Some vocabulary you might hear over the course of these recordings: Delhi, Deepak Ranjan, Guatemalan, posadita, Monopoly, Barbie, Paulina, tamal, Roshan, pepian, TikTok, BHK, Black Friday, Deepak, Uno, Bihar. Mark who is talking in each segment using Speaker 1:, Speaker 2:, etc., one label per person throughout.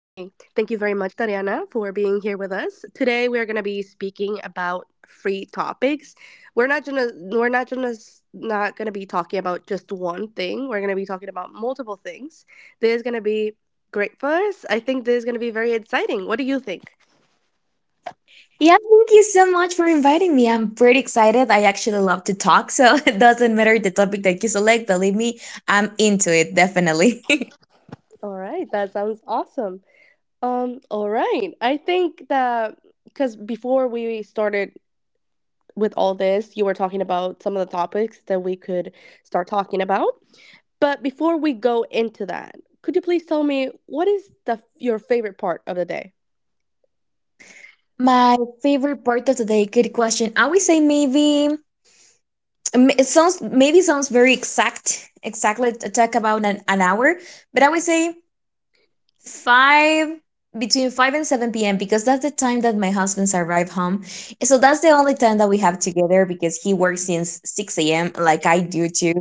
Speaker 1: Thank you very much, Tariana, for being here with us. Today we are going to be speaking about free topics. We're not gonna be talking about just one thing. We're gonna be talking about multiple things. This is gonna be great for us. I think this is gonna be very exciting. What do you think?
Speaker 2: Yeah, thank you so much for inviting me. I'm pretty excited. I actually love to talk, so it doesn't matter the topic that you select. Believe me, I'm into it, definitely.
Speaker 1: All right. That sounds awesome. All right. I think that because before we started with all this, you were talking about some of the topics that we could start talking about. But before we go into that, could you please tell me what is the your favorite part of the day?
Speaker 2: My favorite part of today, good question. I would say maybe it sounds maybe sounds very exactly to talk about an hour, but I would say five between 5 and 7 p.m. because that's the time that my husband's arrive home. So that's the only time that we have together because he works since 6 a.m. like I do too.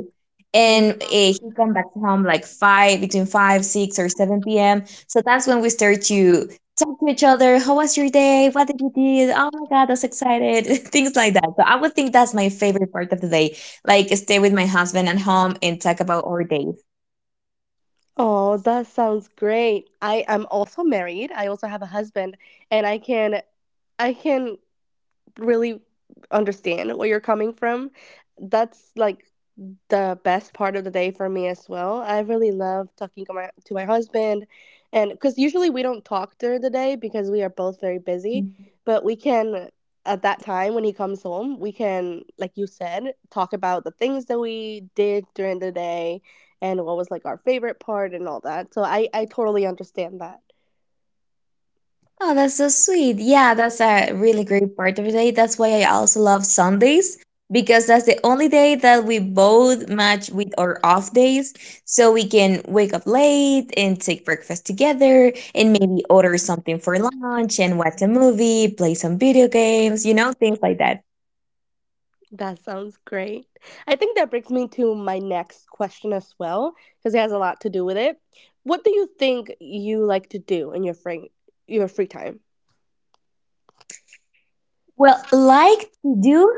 Speaker 1: Mm.
Speaker 2: And he come back to home like 5 between 5, 6 or 7 p.m. So that's when we start to talk to each other. How was your day? What did you do? Oh my god, that's excited. Things like that. So I would think that's my favorite part of the day. Like stay with my husband at home and talk about our day.
Speaker 1: Oh, that sounds great. I am also married. I also have a husband, and I can really understand where you're coming from. That's like the best part of the day for me as well. I really love talking to my husband, and because usually we don't talk during the day because we are both very busy,
Speaker 2: Mm.
Speaker 1: but we can at that time when he comes home we can, like you said, talk about the things that we did during the day and what was like our favorite part and all that, so I totally understand that.
Speaker 2: Oh, that's so sweet. Yeah, that's a really great part of the day. That's why I also love Sundays because that's the only day that we both match with our off days. So we can wake up late and take breakfast together and maybe order something for lunch and watch a movie, play some video games, things like that.
Speaker 1: That sounds great. I think that brings me to my next question as well, because it has a lot to do with it. What do you think you like to do in your free time?
Speaker 2: Well, like to do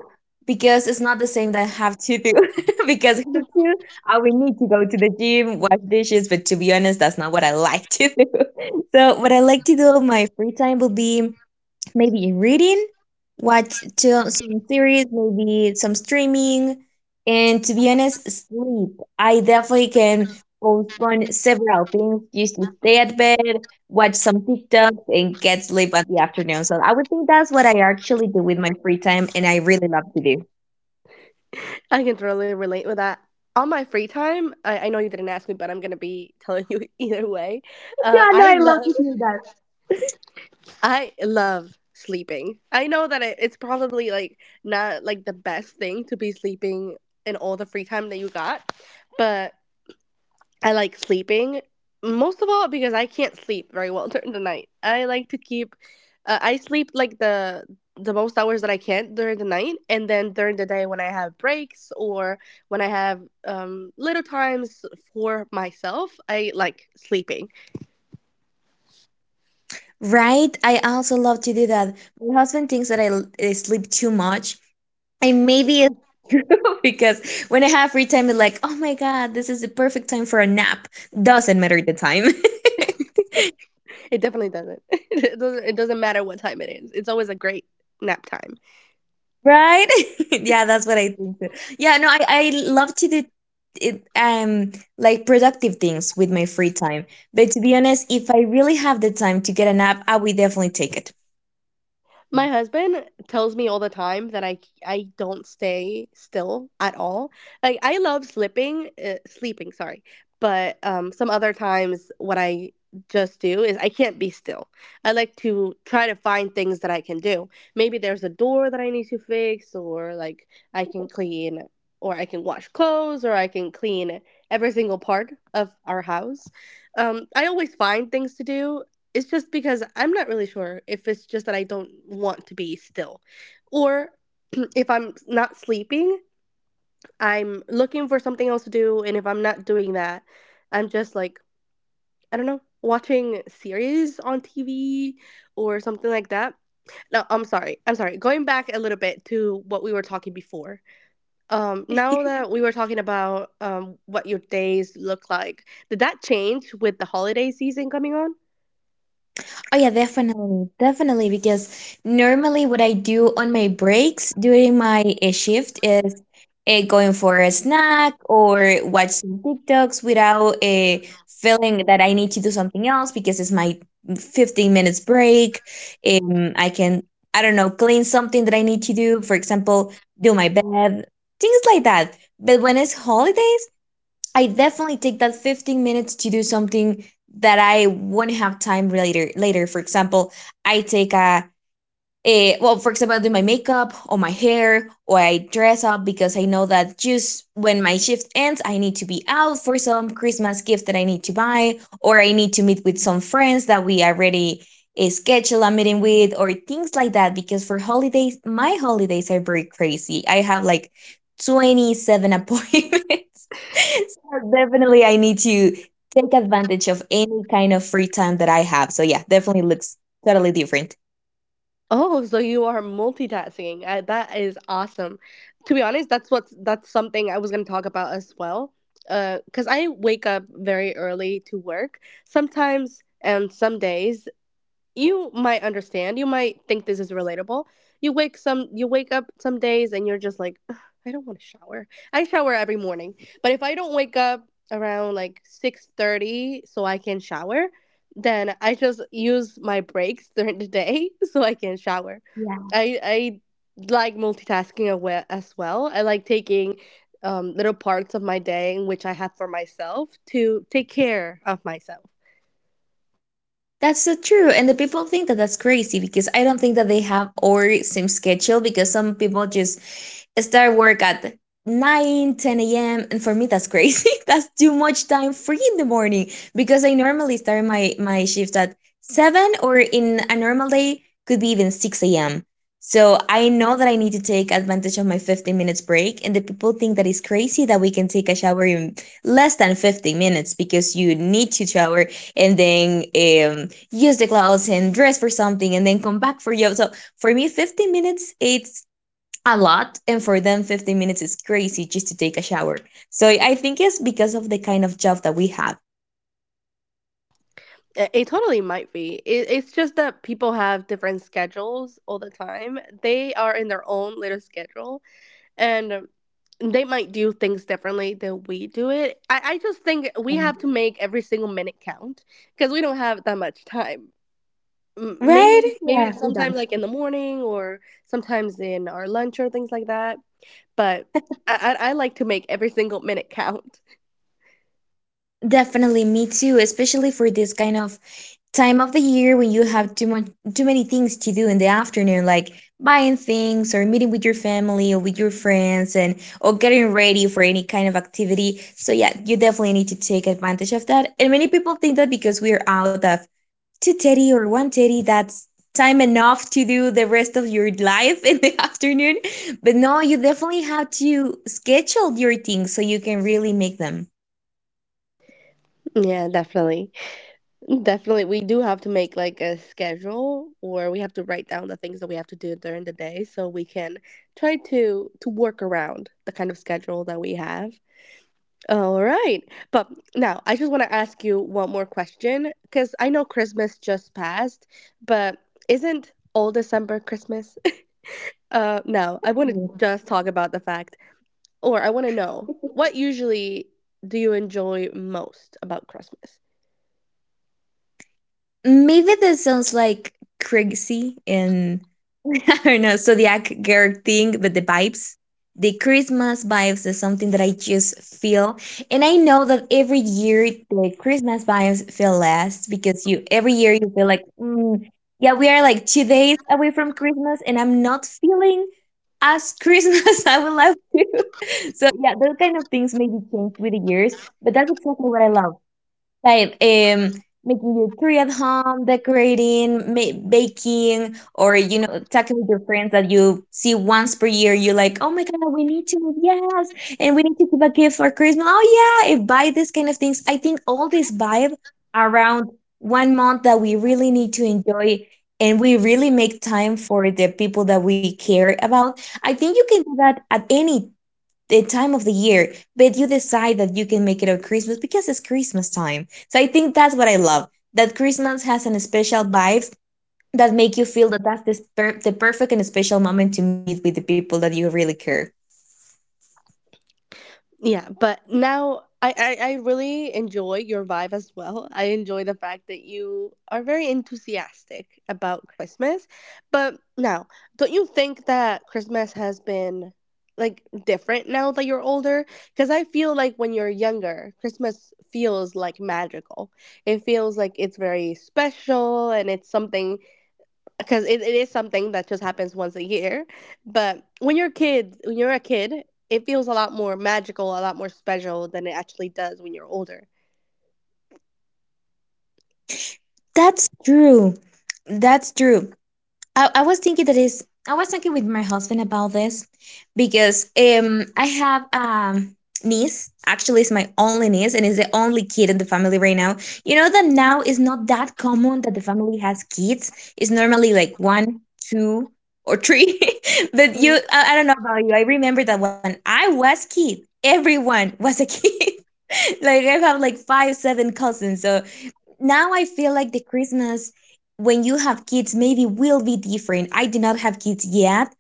Speaker 2: because it's not the same that have to do. Because have to, I would need to go to the gym, wash dishes, but to be honest, that's not what I like to do. So, what I like to do on my free time will be maybe in reading, watch till some series, maybe some streaming, and to be honest, sleep. I definitely can postpone several things just to stay at bed, watch some TikToks, and get sleep at the afternoon. So I would think that's what I actually do with my free time, and I really love to do.
Speaker 1: I can totally relate with that. On my free time, I know you didn't ask me, but I'm gonna be telling you either way.
Speaker 2: Yeah,
Speaker 1: Uh,
Speaker 2: no, I
Speaker 1: I
Speaker 2: love
Speaker 1: love
Speaker 2: to hear that.
Speaker 1: I love sleeping. I know that it's probably like not like the best thing to be sleeping in all the free time that you got, but I like sleeping most of all because I can't sleep very well during the night. I like to keep I sleep like the most hours that I can during the night, and then during the day when I have breaks or when I have little times for myself, I like sleeping.
Speaker 2: Right? I also love to do that. My husband thinks that I sleep too much, and maybe it's true because when I have free time, it's like, oh my God, this is the perfect time for a nap. Doesn't matter the time.
Speaker 1: It definitely doesn't. It doesn't matter what time it is. It's always a great nap time.
Speaker 2: Right? Yeah, that's what I think too. Yeah, no, I love to do it like productive things with my free time. But to be honest, if I really have the time to get a nap, I will definitely take it.
Speaker 1: My husband tells me all the time that I don't stay still at all. Like I love slipping, sleeping, sorry. But some other times what I just do is I can't be still. I like to try to find things that I can do. Maybe there's a door that I need to fix, or like I can clean, or I can wash clothes, or I can clean every single part of our house. I always find things to do. It's just because I'm not really sure if it's just that I don't want to be still. Or if I'm not sleeping, I'm looking for something else to do. And if I'm not doing that, I'm just like, I don't know, watching series on TV or something like that. No, I'm sorry. I'm sorry. Going back a little bit to what we were talking before.
Speaker 2: は
Speaker 1: Now
Speaker 2: い
Speaker 1: that we were talking about what your days look like, did that change with the holiday season coming on?
Speaker 2: Oh yeah, definitely, definitely. Because normally, what I do on my breaks during my shift is going for a snack or watch some TikToks without feeling that I need to do something else because it's my 15 minutes break. I can, I don't know, clean something that I need to do. For example, do my bed, things like that. But when it's holidays, I definitely take that 15 minutes to do something that I won't have time really later. For example, I take a Eh, well, for example, I do my makeup or my hair, or I dress up because I know that just when my shift ends, I need to be out for some Christmas gift that I need to buy, or I need to meet with some friends that we already schedule a meeting with, or things like that. Because for holidays, my holidays are very crazy. I have like 27 appointments. So definitely, I need to take advantage of any kind of free time that I have. So, yeah, definitely looks totally different.
Speaker 1: Oh, so you are multitasking. That is awesome. To be honest, that's something I was going to talk about as well. Cause I wake up very early to work sometimes, and some days you might understand. You might think this is relatable. You wake up some days and you're just like, "Ugh, I don't want to shower." I shower every morning. But if I don't wake up around like 6:30 so I can shower, then I just use my breaks during the day so I can shower. I like multitasking as well. I like taking little parts of my day in which I have for myself to take care of myself.
Speaker 2: That's so true. And the people think that that's crazy because I don't think that they have our same schedule because some people just start work at 9:10 a.m. And for me, that's crazy. That's too much time free in the morning because I normally start my shift at 7 or in a normal day could be even 6 a.m. So I know that I need to take advantage of my 15 minutes break. And the people think that it's crazy that we can take a shower in less than 15 minutes because you need to shower and then use the clothes and dress for something and then come back for you. So for me, 15 minutes, it's a lot. And for them, 15 minutes is crazy just to take a shower. So I think it's because of the kind of job that we have.
Speaker 1: It totally might be. It's just that people have different schedules all the time. They are in their own little schedule, and they might do things differently than we do it. I just think we have to make every single minute count because we don't have that much time.
Speaker 2: Right?
Speaker 1: Maybe
Speaker 2: Yeah,
Speaker 1: it's
Speaker 2: we done.
Speaker 1: sometimes like in the morning or sometimes in our lunch or things like that. But I like to make every single minute count.
Speaker 2: Definitely, me too, especially for this kind of time of the year when you have too many things to do in the afternoon, like buying things or meeting with your family or with your friends and or getting ready for any kind of activity. So yeah, you definitely need to take advantage of that. And many people think that because we are out of two teddy or one teddy, that's time enough to do the rest of your life in the afternoon. But no, you definitely have to schedule your things so you can really make them.
Speaker 1: Yeah, definitely. Definitely, we do have to make like a schedule, or we have to write down the things that we have to do during the day so we can try to work around the kind of schedule that we have. All right. But now I just want to ask you one more question, because I know Christmas just passed, but isn't all December Christmas? No, I want to just talk about the fact, or I want to know what usually do you enjoy most about Christmas?
Speaker 2: Maybe this sounds like crazy and I don't know, zodiac girl thing, but the vibes, the Christmas vibes is something that I just feel. And I know that every year the Christmas vibes feel less because you every year you feel like, mm, yeah, we are like 2 days away from Christmas and I'm not feeling as Christmas I would love to. So yeah, those kind of things maybe change with the years, but that's exactly what I love, like making your tree at home, decorating, baking, or talking with your friends that you see once per year. You're like, oh my god, we need to, yes, and we need to give a gift for Christmas, oh yeah, and buy this kind of things. I think all this vibe around one month that we really need to enjoy and we really make time for the people that we care about. I think you can do that at any the time of the year, but you decide that you can make it on Christmas because it's Christmas time. So I think that's what I love, that Christmas has an special vibes that make you feel that that's the perfect and special moment to meet with the people that you really care.
Speaker 1: Yeah, but now I really enjoy your vibe as well. I enjoy the fact that you are very enthusiastic about Christmas. But now, don't you think that Christmas has been like different now that you're older? Because I feel like when you're younger, Christmas feels like magical. It feels like it's very special, and it's something because it is something that just happens once a year. But when you're kids, when you're a kid, it feels a lot more magical, a lot more special than it actually does when you're older.
Speaker 2: That's true. That's true. I was thinking that is I was talking with my husband about this because I have niece, actually it's my only niece and is the only kid in the family right now. You know that now is not that common that the family has kids. It's normally like one, two, or three. But I don't know about you. I remember that when I was kid, everyone was a kid. Like I have like five, seven cousins. So now I feel like the Christmas when you have kids maybe will be different. I do not have kids yet,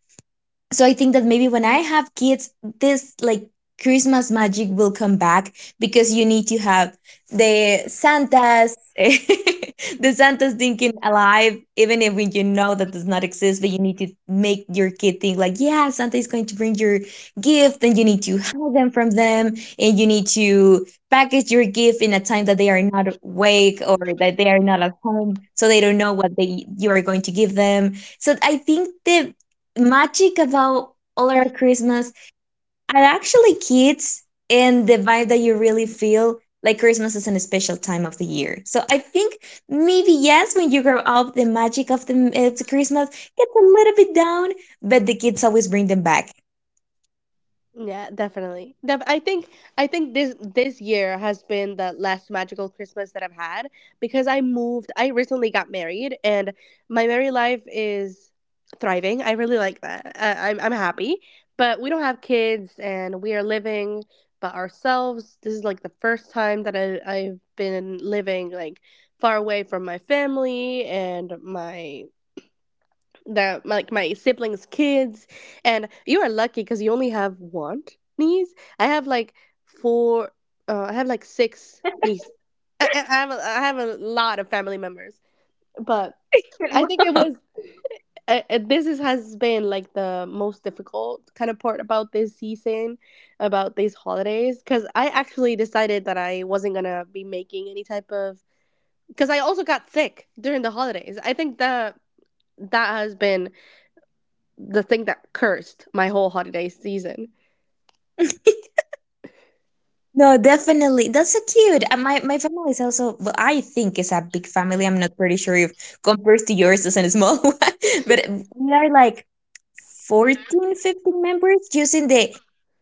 Speaker 2: so I think that maybe when I have kids this like Christmas magic will come back because you need to have the santas the santas thinking alive, even if you know that does not exist, but you need to make your kid think like, yeah, Santa is going to bring your gift, and you need to hide them from them, and you need to package your gift in a time that they are not awake or that they are not at home, so they don't know what they you are going to give them. So I think the magic about all our Christmas are actually kids and the vibe that you really feel like Christmas is a special time of the year. So I think maybe yes, when you grow up, the magic of the Christmas gets a little bit down, but the kids always bring them back.
Speaker 1: Yeah, definitely. I think this year has been the last magical Christmas that I've had because I moved. I recently got married, and my married life is thriving. I really like that. I'm happy, but we don't have kids, and we are living by ourselves. This is like the first time that I've been living like far away from my family and my the like my siblings' kids, and you are lucky because you only have one niece. I have like four. I have like six nieces. I have a lot of family members, but I think it was. This is, has been like the most difficult kind of part about this season, about these holidays, because I actually decided that I wasn't gonna be making any type of. Because I also got sick during the holidays. I think that has been the thing that cursed my whole holiday season.
Speaker 2: No, definitely. That's so cute. And my family is also, well, I think it's a big family. I'm not pretty sure if compared to yours is a small one, but we are like 14, 15 members just in the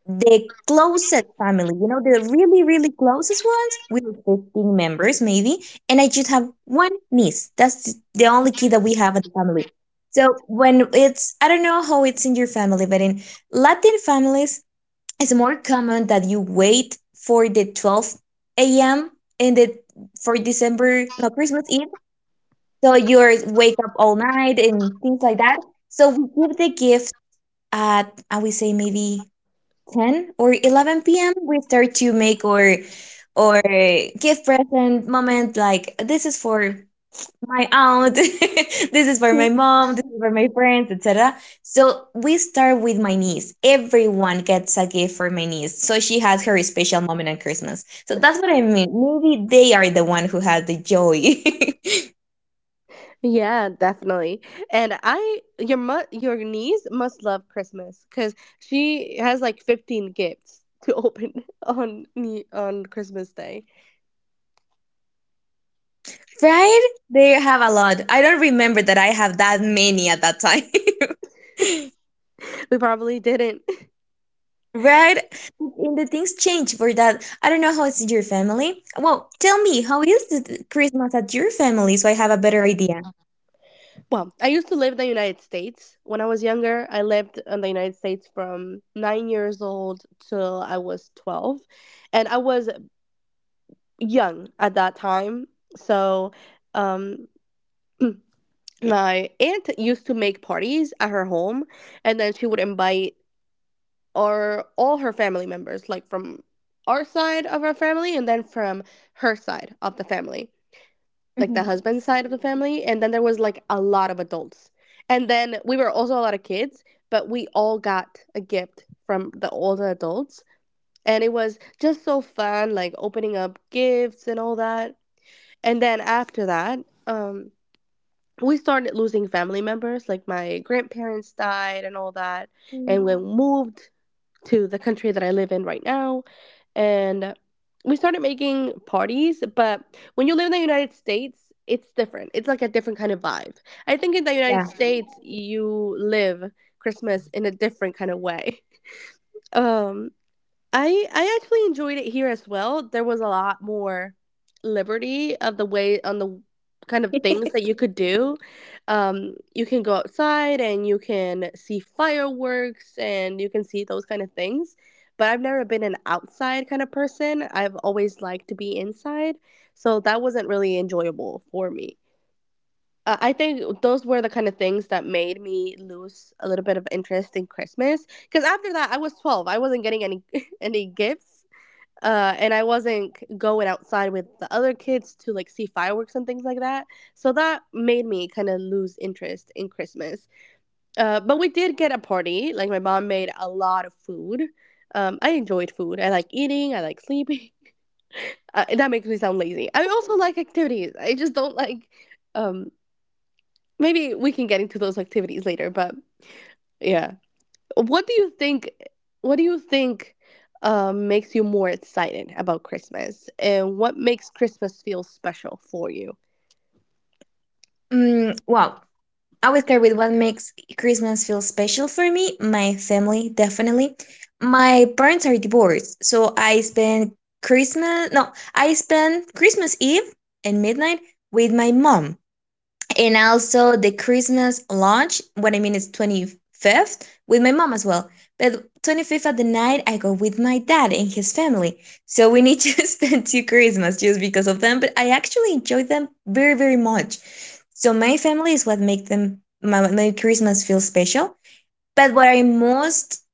Speaker 2: the closest family, the really, really closest ones. We are 15 members, maybe. And I just have one niece. That's the only kid that we have in the family. So when it's, I don't know how it's in your family, but in Latin families, it's more common that you wait for the 12 a.m. and the for December, no, Christmas Eve. So you're wake up all night and things like that. So we give the gift at, I would say, maybe 10 or 11 p.m. We start to make or gift present moment. Like this is for my aunt, this is for my mom, this is for my friends, etc. So we start with my niece. Everyone gets a gift for my niece, so she has her special moment on Christmas. So that's what I mean, maybe they are the one who has the joy,
Speaker 1: Yeah, definitely. And I your your niece must love Christmas cuz she has like 15 gifts to open on on Christmas day.
Speaker 2: right? They have a lot. I don't remember that I have that many at that time.
Speaker 1: We probably didn't.
Speaker 2: Right? And the things change for that. I don't know how it's in your family. Well, tell me how is the Christmas at your family, so I have a better idea.
Speaker 1: Well, I used to live in the United States. When I was younger, I lived in the United States from 9 years old till I was 12. And I was young at that time. So um my aunt used to make parties at her home, and then she would invite our all her family members, like from our side of our family, and then from her side of the family, like
Speaker 2: Mhm.
Speaker 1: the husband's side of the family, and then there was like a lot of adults, and then we were also a lot of kids, but we all got a gift from the all the adults, and it was just so fun, like opening up gifts and all that. And then after that, um we started losing family members like my grandparents died and all that, and we moved to the country that I live in right now, and we started making parties. But when you live in the United States, it's different. It's like a different kind of vibe. I think in the United
Speaker 2: Yeah.
Speaker 1: States you live Christmas in a different kind of way. um I actually enjoyed it here as well. There was a lot more liberty of the way on the kind of things that you could do. You can go outside and you can see fireworks and you can see those kind of things. But I've never been an outside kind of person. I've always liked to be inside, so that wasn't really enjoyable for me. I think those were the kind of things that made me lose a little bit of interest in Christmas. Because after that, I was 12. I wasn't getting any any gifts, and I wasn't going outside with the other kids to like see fireworks and things like that. So that made me kind of lose interest in Christmas. But we did get a party. Like my mom made a lot of food. I enjoyed food. I like eating. I like sleeping. That makes me sound lazy. I also like activities. I just don't like. Um, maybe we can get into those activities later. But yeah. What do you think? What do you think makes you more excited about Christmas, and what makes Christmas feel special for you?
Speaker 2: Well, I would start with what makes Christmas feel special for me. My family, definitely. My parents are divorced, so I spend Christmas, no, I spend Christmas Eve and midnight with my mom, and also the Christmas lunch. What I mean is 25th with my mom as well. But 25th at the night, I go with my dad and his family. So we need to spend two Christmas just because of them, but I actually enjoy them very, very much. So my family is what make them my Christmas feel special. But what I most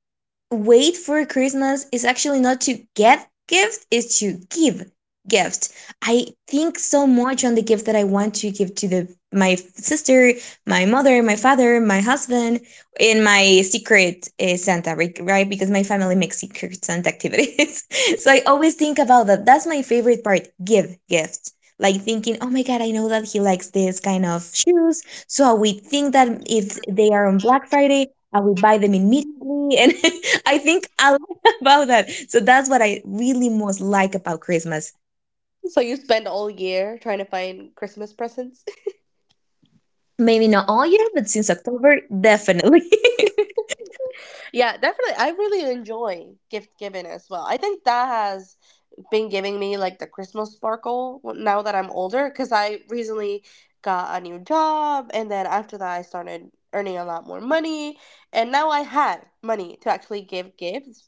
Speaker 2: wait for Christmas is actually not to get gift, it's to give gift. I think so much on the gift that I want to give to the my sister, my mother, my father, my husband, and my secret Santa, right? Right? Because my family makes secret Santa activities. So I always think about that. That's my favorite part, give gift. Like thinking, oh my God, I know that he likes this kind of shoes, so I would think that if they are on Black Friday, I would buy them immediately. And I think a lot about that. So that's what I really most like about Christmas.
Speaker 1: So you spend all year trying to find Christmas presents.
Speaker 2: Maybe not all year, but since October, definitely.
Speaker 1: Yeah, definitely. I really enjoy gift giving as well. I think that has been giving me like the Christmas sparkle now that I'm older because I recently got a new job and then after that I started earning a lot more money and now I had money to actually give gifts,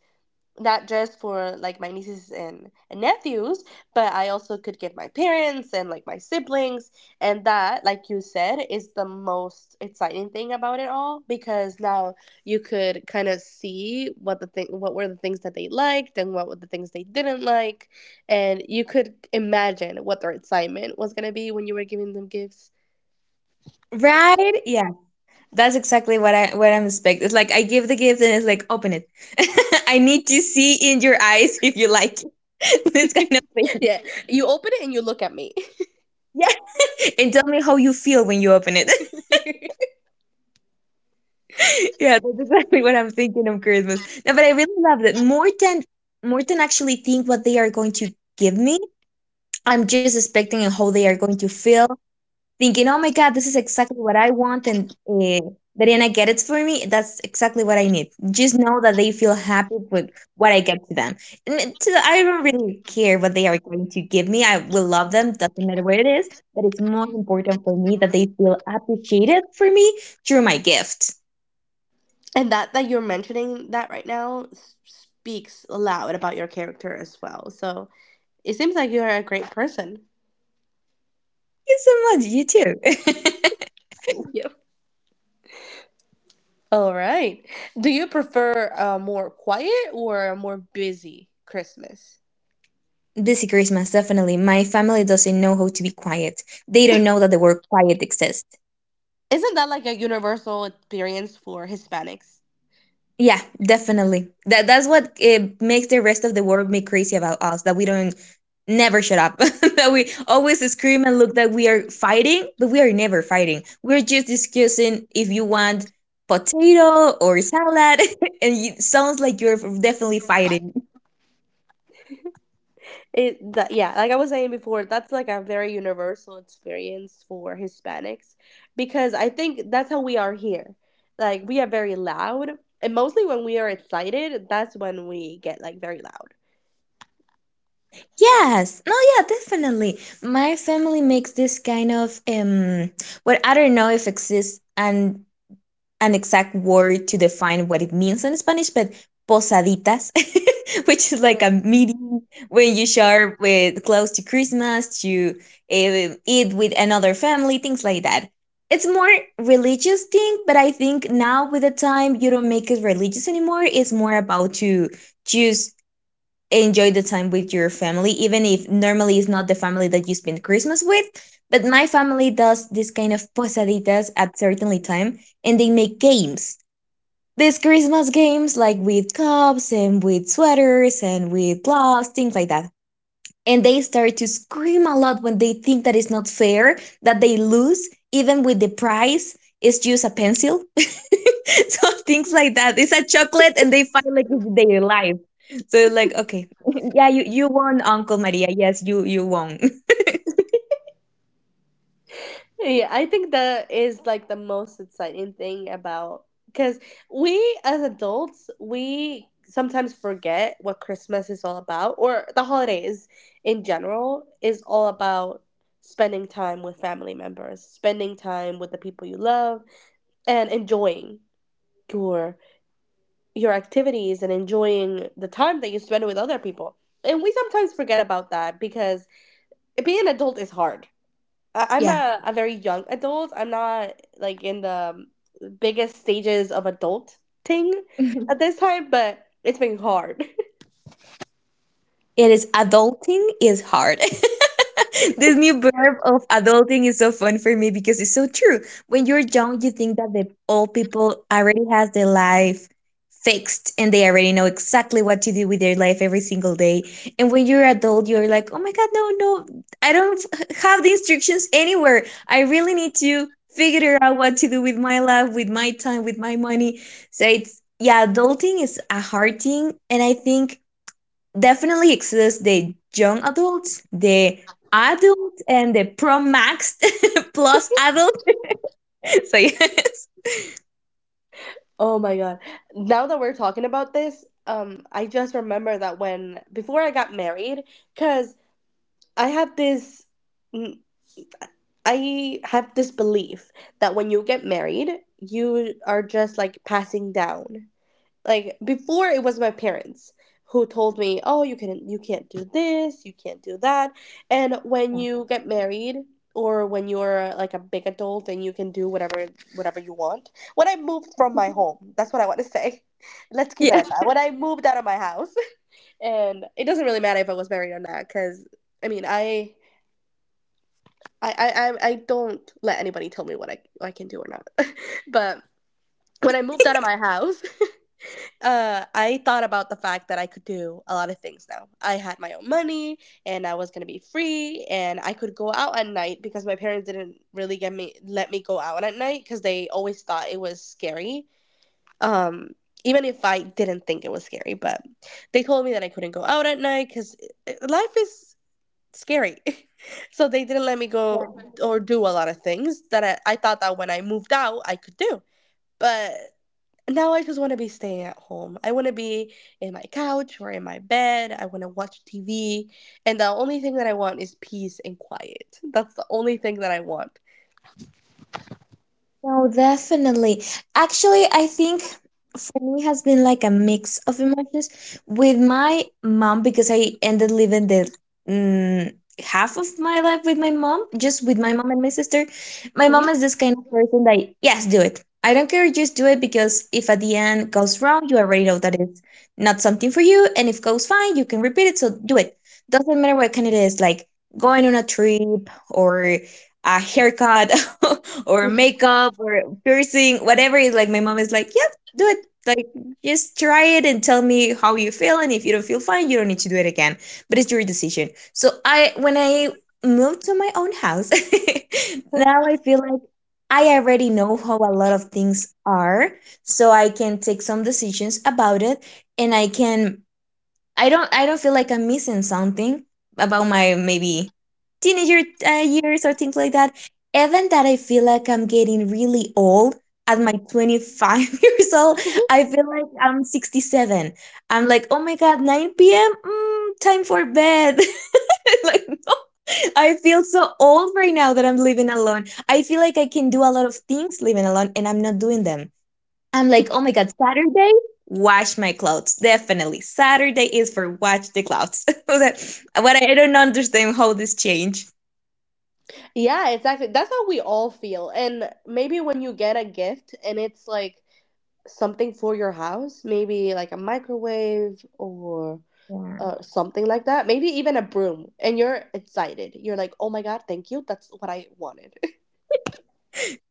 Speaker 1: not just for like my nieces and, nephews, but I also could give my parents and like my siblings. And that, like you said, is the most exciting thing about it all, because now you could kind of see what the thing what were the things that they liked and what were the things they didn't like. And you could imagine what their excitement was gonna be when you were giving them gifts.
Speaker 2: Right? Yeah. That's exactly what I'm expecting. It's like I give the gift and it's like, open it. I need to see in your eyes if you like it. This kind of thing.
Speaker 1: Yeah. You open it and you look at me.
Speaker 2: Yeah. And tell me how you feel when you open it. Yeah, that's exactly what I'm thinking of Christmas. No, but I really love it. More than actually think what they are going to give me, I'm just expecting and how they are going to feel, thinking, oh my God, this is exactly what I want. And Dariana get it for me. That's exactly what I need. Just know that they feel happy with what I get to them. And it- to I don't really care what they are going to give me. I will love them. Doesn't matter what it is. But it's more important for me that they feel appreciated for me through my gift.
Speaker 1: And that you're mentioning that right now speaks loud about your character as well. So it seems like you are a great person.
Speaker 2: Thank you so much. You too.
Speaker 1: Yep. All right. Do you prefer a more quiet or a more busy Christmas?
Speaker 2: Busy Christmas, definitely. My family doesn't know how to be quiet. They don't know that the word quiet exists.
Speaker 1: Isn't that like a universal experience for Hispanics?
Speaker 2: Yeah, definitely. That's what it makes the rest of the world me crazy about us, that we don't never shut up. That we always scream and look that we are fighting, but we are never fighting. We're just discussing if you want potato or salad, and it sounds like you're definitely fighting.
Speaker 1: It that Yeah, like I was saying before, that's like a very universal experience for Hispanics because I think that's how we are here. Like we are very loud, and mostly when we are excited, that's when we get like very loud.
Speaker 2: Yes. No, yeah, definitely. My family makes this kind of what I don't know if exists and an exact word to define what it means in Spanish, but posaditas, which is like a meeting when you share with close to Christmas, you eat with another family, things like that. It's more religious thing, but I think now with the time you don't make it religious anymore. It's more about to choose enjoy the time with your family, even if normally it's not the family that you spend Christmas with. But my family does this kind of posaditas at certainly time, and they make games. These Christmas games, like with cups and with sweaters and with gloves, things like that, and they start to scream a lot when they think that it's not fair that they lose, even with the prize it's just a pencil. So things like that. It's a chocolate and they fight like it's their life. So it's like, okay, yeah, you won, uncle Maria. Yes, you won.
Speaker 1: Yeah, I think that is like the most exciting thing about, because we as adults, we sometimes forget what Christmas is all about, or the holidays in general is all about spending time with family members, spending time with the people you love, and enjoying your your activities and enjoying the time that you spend with other people. And we sometimes forget about that because being an adult is hard. I'm
Speaker 2: Yeah.
Speaker 1: a very young adult. I'm not like in the biggest stages of adulting at this time, but it's been hard.
Speaker 2: It is, adulting is hard. This new verb of adulting is so fun for me because it's so true. When you're young, you think that the old people already has their life fixed and they already know exactly what to do with their life every single day. And when you're adult, you're like, "Oh my god, no, no. I don't have the instructions anywhere. I really need to figure out what to do with my life, with my time, with my money." So it's, yeah, adulting is a hard thing, and I think definitely exist. They young adults, they adult, and they pro max plus adult. So yes,
Speaker 1: Oh my god. Now that we're talking about this, I just remember that when before I got married, cuz I had this mm, I have this belief that when you get married, you are just like passing down, like before it was my parents who told me, oh, you can't do this, you can't do that, and when you get married or when you're like a big adult and you can do whatever whatever you want. When I moved from my home, that's what I want to say. Let's keep it
Speaker 2: yeah.
Speaker 1: at that. When I moved out of my house, and it doesn't really matter if I was married or not, because I mean I don't let anybody tell me what I can do or not. But when I moved out of my house, I thought about the fact that I could do a lot of things now. I had my own money and I was gonna be free and I could go out at night because my parents didn't really get me let me go out at night because they always thought it was scary. Um, Even if I didn't think it was scary, but they told me that I couldn't go out at night because life is scary. So they didn't let me go or do a lot of things that I thought that when I moved out I could do. But now I just want to be staying at home. I want to be in my couch or in my bed. I want to watch TV. And the only thing that I want is peace and quiet. That's the only thing that I want.
Speaker 2: No, definitely. Actually, I think for me has been like a mix of emotions with my mom, because I ended living the mm, half of my life with my mom, just with my mom and my sister. My mom
Speaker 1: Mhm.
Speaker 2: is this kind of person that, yes, do it. I don't care, just do it, because if at the end goes wrong, you already know that it's not something for you, and if goes fine, you can repeat it. So do it. Doesn't matter what kind it is, like going on a trip or a haircut or makeup or piercing, whatever. It's like my mom is like, yep, do it. Like just try it and tell me how you feel. And if you don't feel fine, you don't need to do it again. But it's your decision. So I, when I moved to my own house, now I feel like I already know how a lot of things are. So I can take some decisions about it, and I can, I don't feel like I'm missing something about my maybe teenager years or things like that. Even that I feel like I'm getting really old at my 25 years old, I feel like I'm 67. I'm like, oh my god, 9 p.m. Time for bed. Like no, I feel so old right now that I'm living alone. I feel like I can do a lot of things living alone, and I'm not doing them. I'm like, oh my God, Saturday, wash my clothes. Definitely. Saturday is for wash the clothes. But I don't understand how this change.
Speaker 1: Yeah, exactly. That's how we all feel. And maybe when you get a gift and it's like something for your house, maybe like a microwave or
Speaker 2: Yeah.
Speaker 1: something like that, maybe even a broom, and you're excited. You're like, oh my God, thank you. That's what I wanted.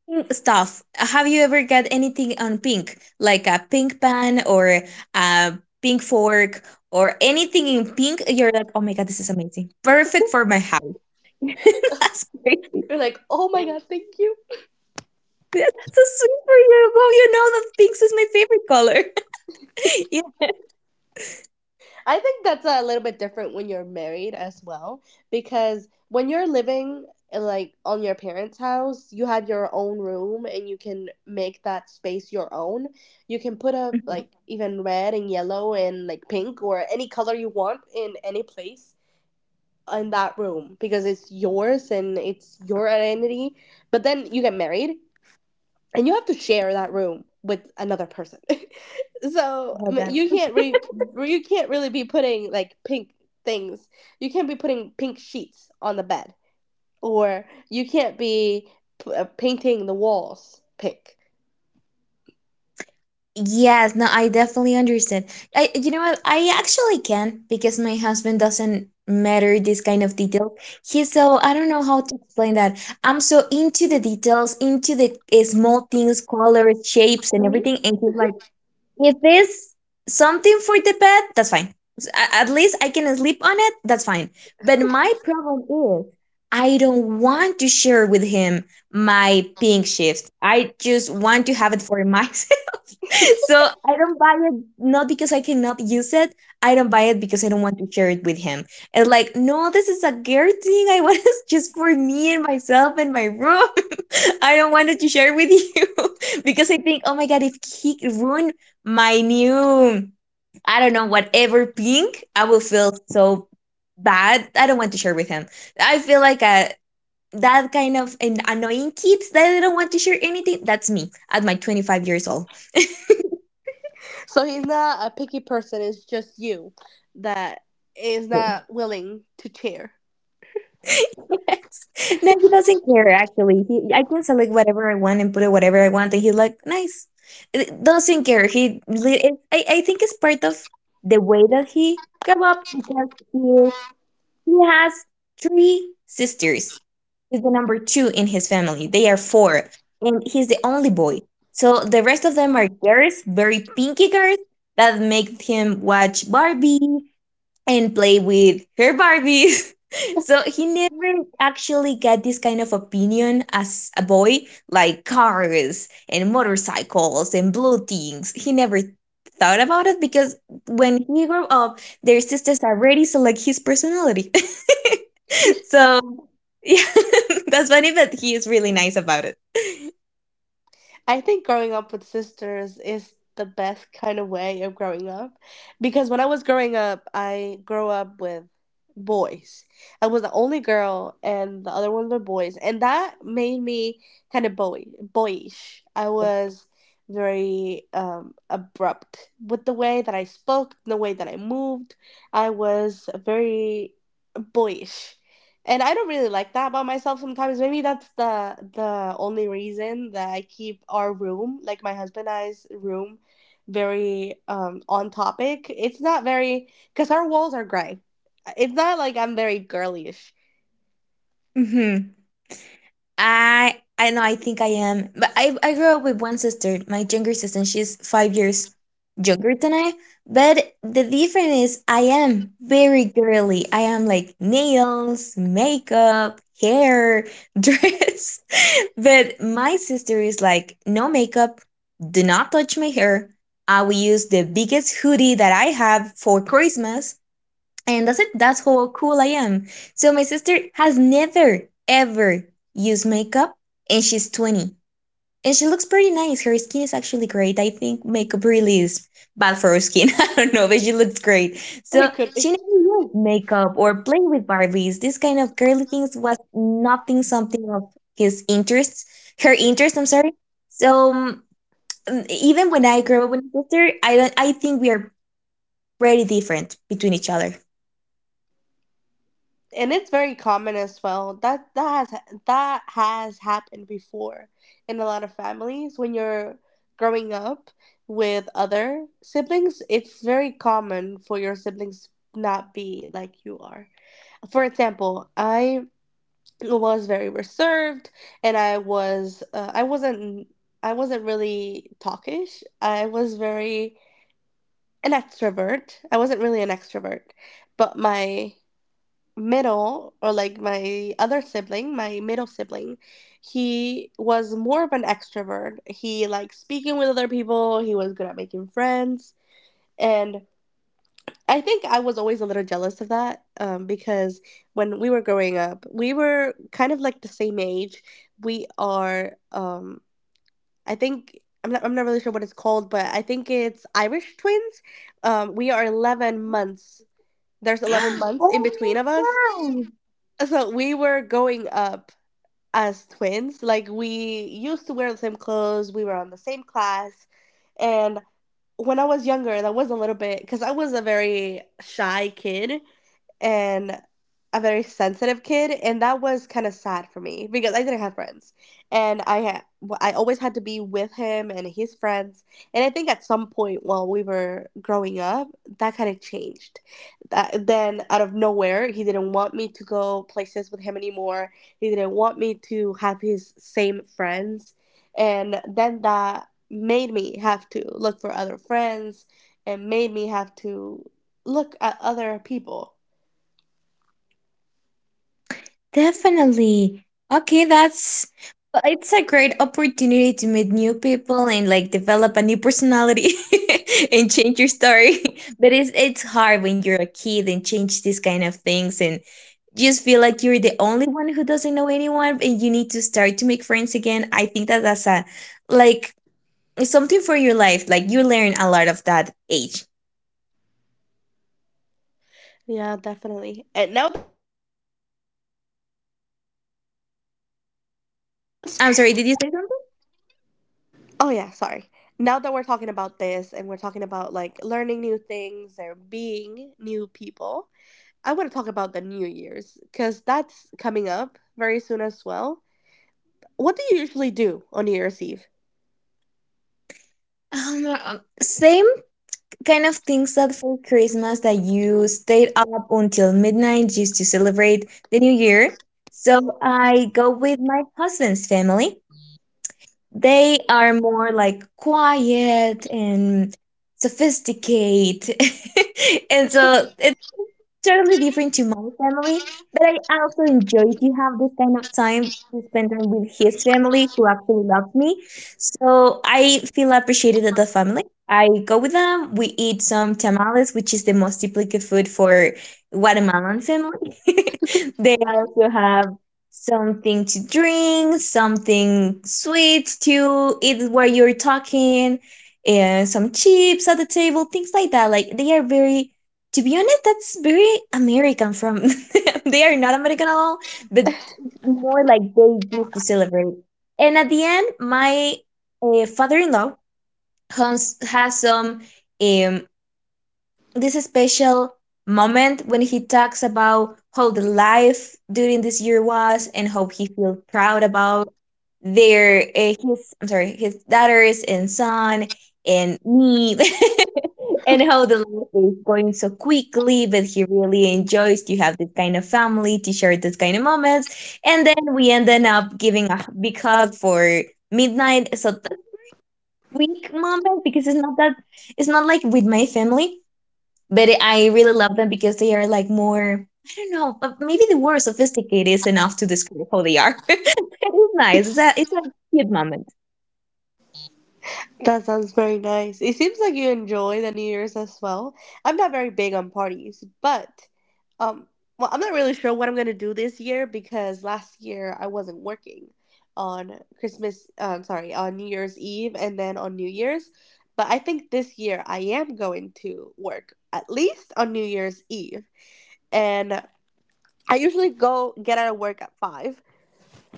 Speaker 2: Pink stuff. Have you ever got anything on pink? Like a pink pan or a pink fork or anything in pink? You're like, oh my God, this is amazing, perfect for my house. That's great.
Speaker 1: You're like, oh my God, thank you.
Speaker 2: That's so sweet for you. Well, you know that pink is my favorite color.
Speaker 1: I think that's a little bit different when you're married as well, because when you're living like on your parents' house, you have your own room and you can make that space your own. You can put up
Speaker 2: Mhm.
Speaker 1: like even red and yellow and like pink or any color you want in any place in that room because it's yours and it's your identity. But then you get married and you have to share that room with another person. So
Speaker 2: I heard that.
Speaker 1: you can't re- you can't really be putting like pink things, you can't be putting pink sheets on the bed, or you can't be painting the walls pink.
Speaker 2: Yes, no, I definitely understand. You know what? I actually can, because my husband doesn't matter this kind of details. He's so, I don't know how to explain that. I'm so into the details, into the small things, colors, shapes, and
Speaker 1: Hmm,
Speaker 2: everything. And he's like, if it's something for the bed, that's fine. At least I can sleep on it, that's fine. But my problem is I don't want to share with him my pink shift. I just want to have it for my, so I don't buy it, not because I cannot use it. I don't buy it because I don't want to share it with him. It's like, no, this is a girl thing. I want it just for me and myself and my room. I don't want to share with you because I think, oh my god, if he ruined my new, I don't know, whatever pink, I will feel so bad. I don't want to share with him. I feel like a that kind of an annoying kids that I don't want to share anything. That's me at my 25 years old.
Speaker 1: so he's not a picky person, it's just you that is not willing to share.
Speaker 2: Yes. No, he doesn't care actually. He, I can select whatever I want and put it whatever I want, and he's like, nice. It doesn't care. He li- it, I think it's part of the way that he grew up, because he has 3 sisters. He's the number 2 in his family. They are four, and he's the only boy. So the rest of them are girls, very pinky girls that make him watch Barbie, and play with her Barbies. So he never actually got this kind of opinion as a boy, like cars and motorcycles and blue things. He never thought about it, because when he grew up, their sisters already select his personality. So yeah, that's funny, but he is really nice about it.
Speaker 1: I think growing up with sisters is the best kind of way of growing up, because when I was growing up, I grew up with boys. I was the only girl and the other ones were boys, and that made me kind of boyish. I was very abrupt with the way that I spoke, the way that I moved. I was very boyish and I don't really like that about myself sometimes. Maybe that's the only reason that I keep our room, like my husband and I's room, very on topic. It's not very, because our walls are gray, it's not like I'm very girlyish.
Speaker 2: Mhm. I know, I think I am. But I grew up with one sister, my younger sister, and she's 5 years younger than I. But the difference is I am very girly. I am like nails, makeup, hair, dress. But my sister is like no makeup, do not touch my hair. I will use the biggest hoodie that I have for Christmas and that's it. That's how cool I am. So my sister has never ever used makeup and she's 20. And she looks pretty nice. Her skin is actually great. I think makeup really is bad for her skin. I don't know, but she looks great.
Speaker 1: It
Speaker 2: So
Speaker 1: could be,
Speaker 2: she never used makeup or played with Barbies. This kind of girly things was nothing something of his interests. Her interest, I'm sorry. So even when I grew up with my sister, I don't I think we are pretty different between each other.
Speaker 1: and it's very common as well. That that has happened before in a lot of families when you're growing up with other siblings. It's very common for your siblings not be like you are. For example, I was very reserved and I was I wasn't really talkish. I was very an extrovert. I wasn't really an extrovert, but my middle or like my other sibling, my middle sibling, he was more of an extrovert. He liked speaking with other people, he was good at making friends, and I think I was always a little jealous of that, because when we were growing up, we were kind of like the same age. We are, I think, I'm not really sure what it's called, but I think it's Irish twins. We are 11 months. There's 11 months in
Speaker 2: Oh my
Speaker 1: between of us.
Speaker 2: God.
Speaker 1: So we were going up as twins. Like we used to wear the same clothes. We were on the same class. And when I was younger, that was a little bit, because I was a very shy kid and a very sensitive kid, and that was kind of sad for me because I didn't have friends, and I always had to be with him and his friends, and I think at some point while we were growing up, that kind of changed. That, then out of nowhere, he didn't want me to go places with him anymore. He didn't want me to have his same friends, and then that made me have to look for other friends, and made me have to look at other people.
Speaker 2: Definitely. Okay, that's well, it's a great opportunity to meet new people and like develop a new personality and change your story. But it's hard when you're a kid and change these kind of things and just feel like you're the only one who doesn't know anyone and you need to start to make friends again. I think that that's a like something for your life. Like you learn a lot of that age.
Speaker 1: Yeah, definitely. And now,
Speaker 2: I'm sorry, did you say something?
Speaker 1: oh yeah, sorry. Now that we're talking about this and we're talking about like learning new things or being new people, I want to talk about the New Year's because that's coming up very soon as well. What do you usually do on New Year's Eve?
Speaker 2: Same kind of things that for Christmas that you stayed up until midnight just to celebrate the new year. So I go with my husband's family. They are more like quiet and sophisticated. And so it totally different to my family, but I also enjoy to have this kind of time to spend time with his family who actually loves me. So I feel appreciated at the family. I go with them, we eat some tamales, which is the most typical food for Guatemalan family. They also have something to drink, something sweet to eat while you're talking, and some chips at the table, things like that. Like they are very to be honest, that's very American from they are not American at all, but more like they used to celebrate. And at the end, my father-in-law has some um, this special moment when he talks about how the life during this year was and how he feels proud about their his, I'm sorry, his daughters and son and me and how the life is going so quickly, but he really enjoys to have this kind of family to share this kind of moments. And then we ended up giving a big hug for midnight. So that week moment, because it's not that it's not like with my family, but I really love them because they are like more. I don't know. Maybe the word sophisticated is enough to describe how they are. It's nice. It's a cute moment.
Speaker 1: That sounds very nice. It seems like you enjoy the New Year's as well. I'm not very big on parties, but um well, I'm not really sure what I'm going to do this year because last year I wasn't working on Christmas, sorry, on New Year's Eve and then on New Year's, but I think this year I am going to work at least on New Year's Eve. And I usually go get out of work at 5,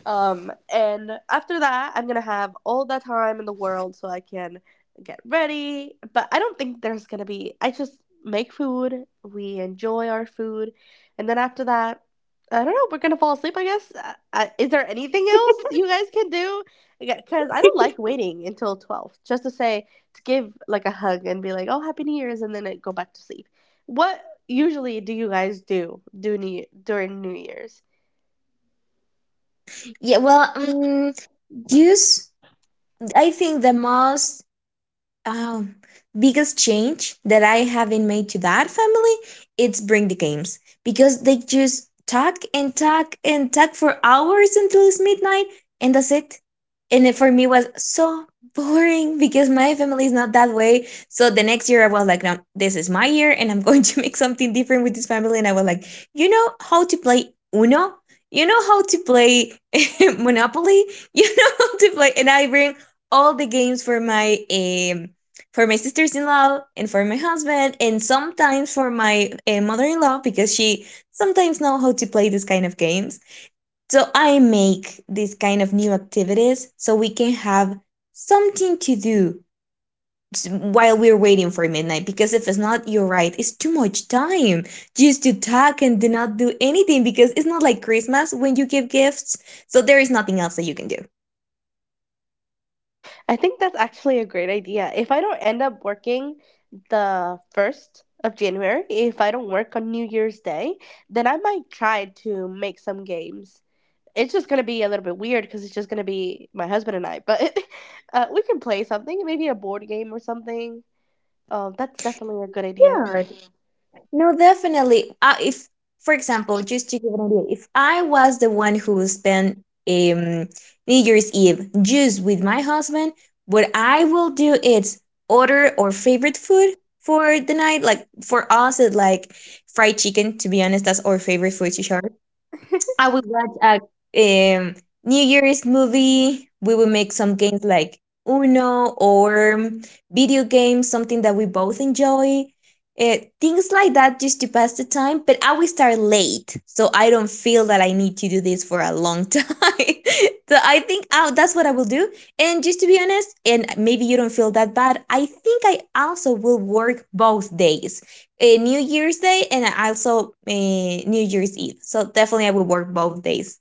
Speaker 1: and after that, I'm gonna have all the time in the world so I can get ready. But I don't think there's gonna be. I just make food. We enjoy our food, and then after that, I don't know. We're gonna fall asleep, I guess. Is there anything else you guys can do? Because I don't like waiting until 12 just to say to give like a hug and be like, "Oh, happy New Year's," and then I go back to sleep. What usually do you guys do new, during New Year's?
Speaker 2: Yeah. Well, use. I think the most Um, biggest change that I haven't made to that family, it's bring the games, because they just talk and talk and talk for hours until it's midnight and that's it. And it for me was so boring because my family is not that way. So the next year I was like, no, this is my year and I'm going to make something different with this family. And I was like, you know how to play Uno? You know how to play Monopoly? You know how to play? And I bring all the games for my sisters in law and for my husband and sometimes for my mother in law because she sometimes knows how to play this kind of games. So I make these kind of new activities so we can have something to do while we're waiting for midnight, because if it's not, you're right, it's too much time just to talk and do not do anything, because it's not like Christmas when you give gifts, so there is nothing else that you can do.
Speaker 1: I think that's actually a great idea. If I don't end up working the 1st of January, if I don't work on New Year's Day, then I might try to make some games. It's just going to be a little bit weird because it's just going to be my husband and I, but we can play something, maybe a board game or something. Oh, that's definitely a good idea.
Speaker 2: Yeah. No, definitely. If, for example, just to give an idea, if I was the one who spent um, New Year's Eve just with my husband, what I will do is order our favorite food for the night. Like for us, it's like fried chicken. To be honest, that's our favorite food to share. I will watch a New Year's movie. We will make some games like Uno or video games, something that we both enjoy. Uh, Things like that just to pass the time. But I will start late, so I don't feel that I need to do this for a long time. So I think that's what I will do. And just to be honest, and maybe you don't feel that bad, I think I also will work both days a New Year's Day and also a New Year's Eve. So definitely I will work both days.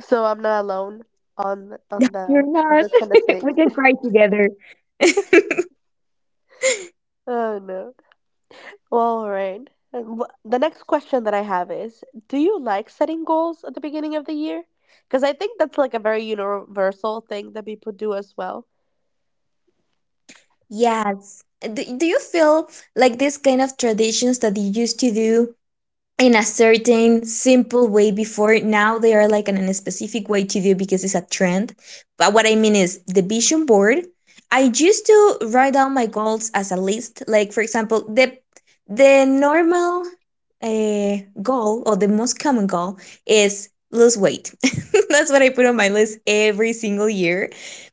Speaker 1: So I'm not alone on
Speaker 2: You're
Speaker 1: the
Speaker 2: not.
Speaker 1: this kind of thing.
Speaker 2: We can cry together.
Speaker 1: Oh no. All right. And the next question that I have is, do you like setting goals at the beginning of the year? Because I think that's like a very universal thing that people do as well.
Speaker 2: Yes. Do you feel like these kind of traditions that you used to do in a certain simple way before now they are like in a specific way to do because it's a trend? But what I mean is the vision board. I used to write down my goals as a list, like for example, the normal goal or the most common goal is lose weight. That's what I put on my list every single year.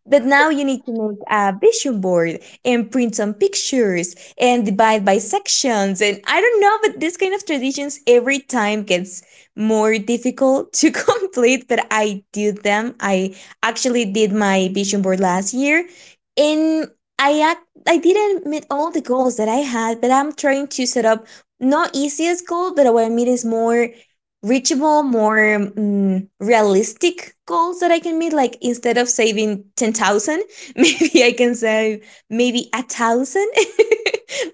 Speaker 2: But now you need to make a vision board and print some pictures and divide by sections, and I don't know, but this kind of traditions every time gets more difficult to complete. But I do them. I actually did my vision board last year, and i act I didn't meet all the goals that I had, but I'm trying to set up not easiest goal. But what I mean is more reachable, more realistic goals that I can meet. Like instead of saving 10,000, maybe I can save maybe a thousand,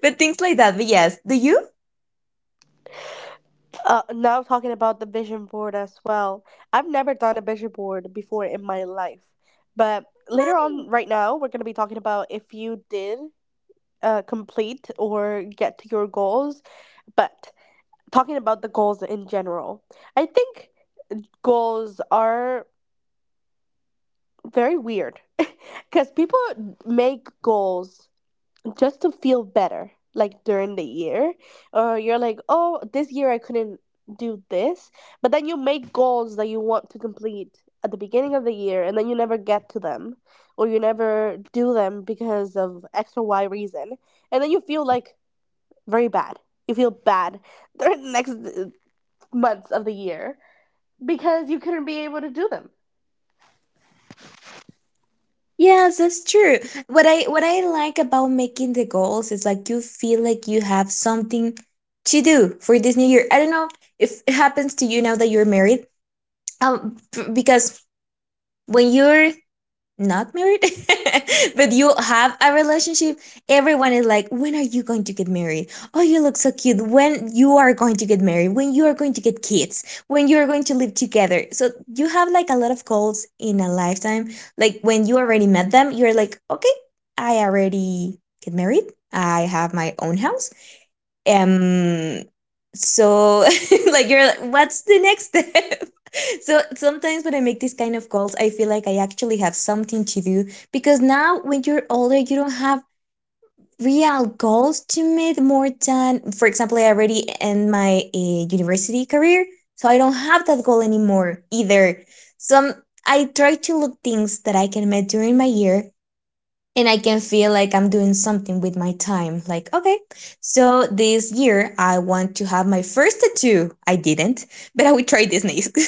Speaker 2: but things like that. But yes, do you?
Speaker 1: Now talking about the vision board as well. I've never done a vision board before in my life, but later on, right now, we're gonna be talking about if you did complete or get to your goals. But talking about the goals in general, I think goals are very weird because people make goals just to feel better, like during the year, or you're like, oh, this year I couldn't do this, but then you make goals that you want to complete at the beginning of the year, and then you never get to them, or you never do them because of X or Y reason, and then you feel like very bad. You feel bad during the next months of the year because you couldn't be able to do them.
Speaker 2: Yes, that's true. What I like about making the goals is like you feel like you have something to do for this new year. I don't know if it happens to you now that you're married, because when you're not married, but you have a relationship, everyone is like, when are you going to get married? Oh, you look so cute. When you are going to get married? When you are going to get kids? When you are going to live together? So you have like a lot of goals in a lifetime. Like when you already met them, you're like, okay, I already get married. I have my own house. Um, so like you're like, what's the next step? So sometimes when I make these kind of calls, I feel like I actually have something to do, because now when you're older you don't have real goals to meet, more than for example I already end my university career, so I don't have that goal anymore either. So I try to look things that I can meet during my year, and I can feel like I'm doing something with my time. Like, okay, so this year I want to have my first tattoo. I didn't, but I will try this next.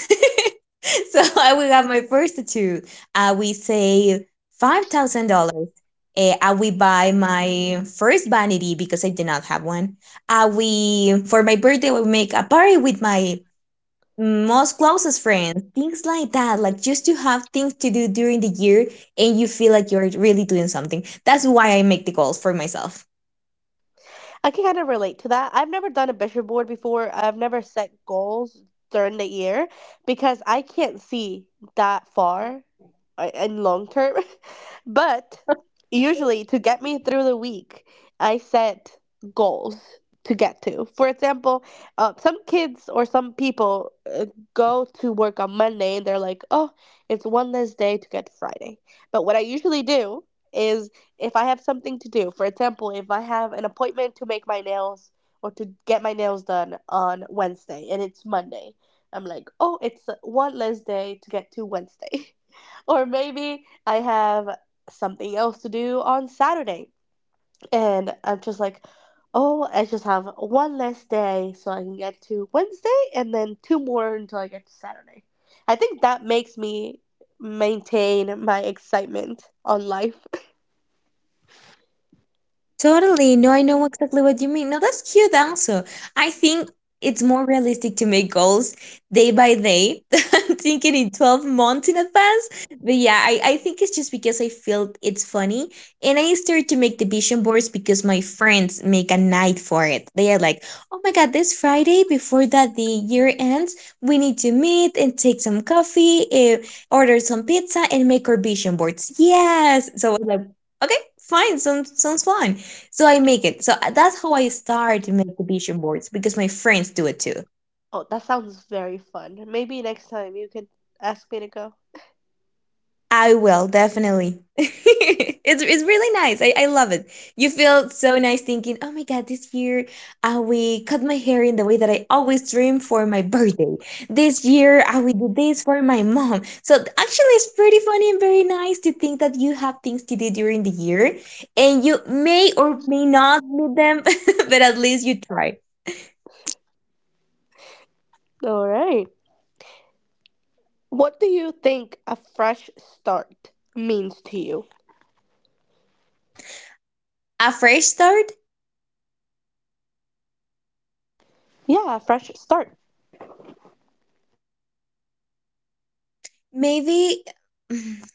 Speaker 2: So I will have my first tattoo. I will save $5,000. Eh, I will buy my first vanity because I did not have one. I will For my birthday I will make a party with my most closest friends, things like that, like just to have things to do during the year and you feel like you're really doing something. That's why I make the goals for myself.
Speaker 1: I can kind of relate to that. I've never done a vision board before. I've never set goals during the year because I can't see that far in long term. But usually, to get me through the week, I set goals to get to. For example, some kids or some people go to work on Monday and they're like, oh, it's one less day to get to Friday. But what I usually do is if I have something to do, for example, if I have an appointment to make my nails or to get my nails done on Wednesday and it's Monday, I'm like, oh, it's one less day to get to Wednesday. Or maybe I have something else to do on Saturday and I'm just like, oh, I just have one less day so I can get to Wednesday and then two more until I get to Saturday. I think that makes me maintain my excitement on life.
Speaker 2: Totally. No, I know exactly what you mean. No, that's cute also. I think it's more realistic to make goals day by day than thinking in 12 months in advance. But yeah, I think it's just because I feel it's funny. And I started to make the vision boards because my friends make a night for it. They are like, oh my God, this Friday before that the year ends, we need to meet and take some coffee, order some pizza, and make our vision boards. Yes. So I was like, okay, fine, sounds fun. So I make it. So that's how I start to make the vision boards because my friends do it too.
Speaker 1: Oh, that sounds very fun. Maybe next time you can ask me to go.
Speaker 2: I will definitely. It's really nice. I love it. You feel so nice thinking, oh my god, this year I will cut my hair in the way that I always dream for my birthday. This year I will do this for my mom. So actually it's pretty funny and very nice to think that you have things to do during the year and you may or may not meet them, but at least you try.
Speaker 1: All right. What do you think a fresh start means to you?
Speaker 2: A fresh start.
Speaker 1: Yeah, a fresh start.
Speaker 2: Maybe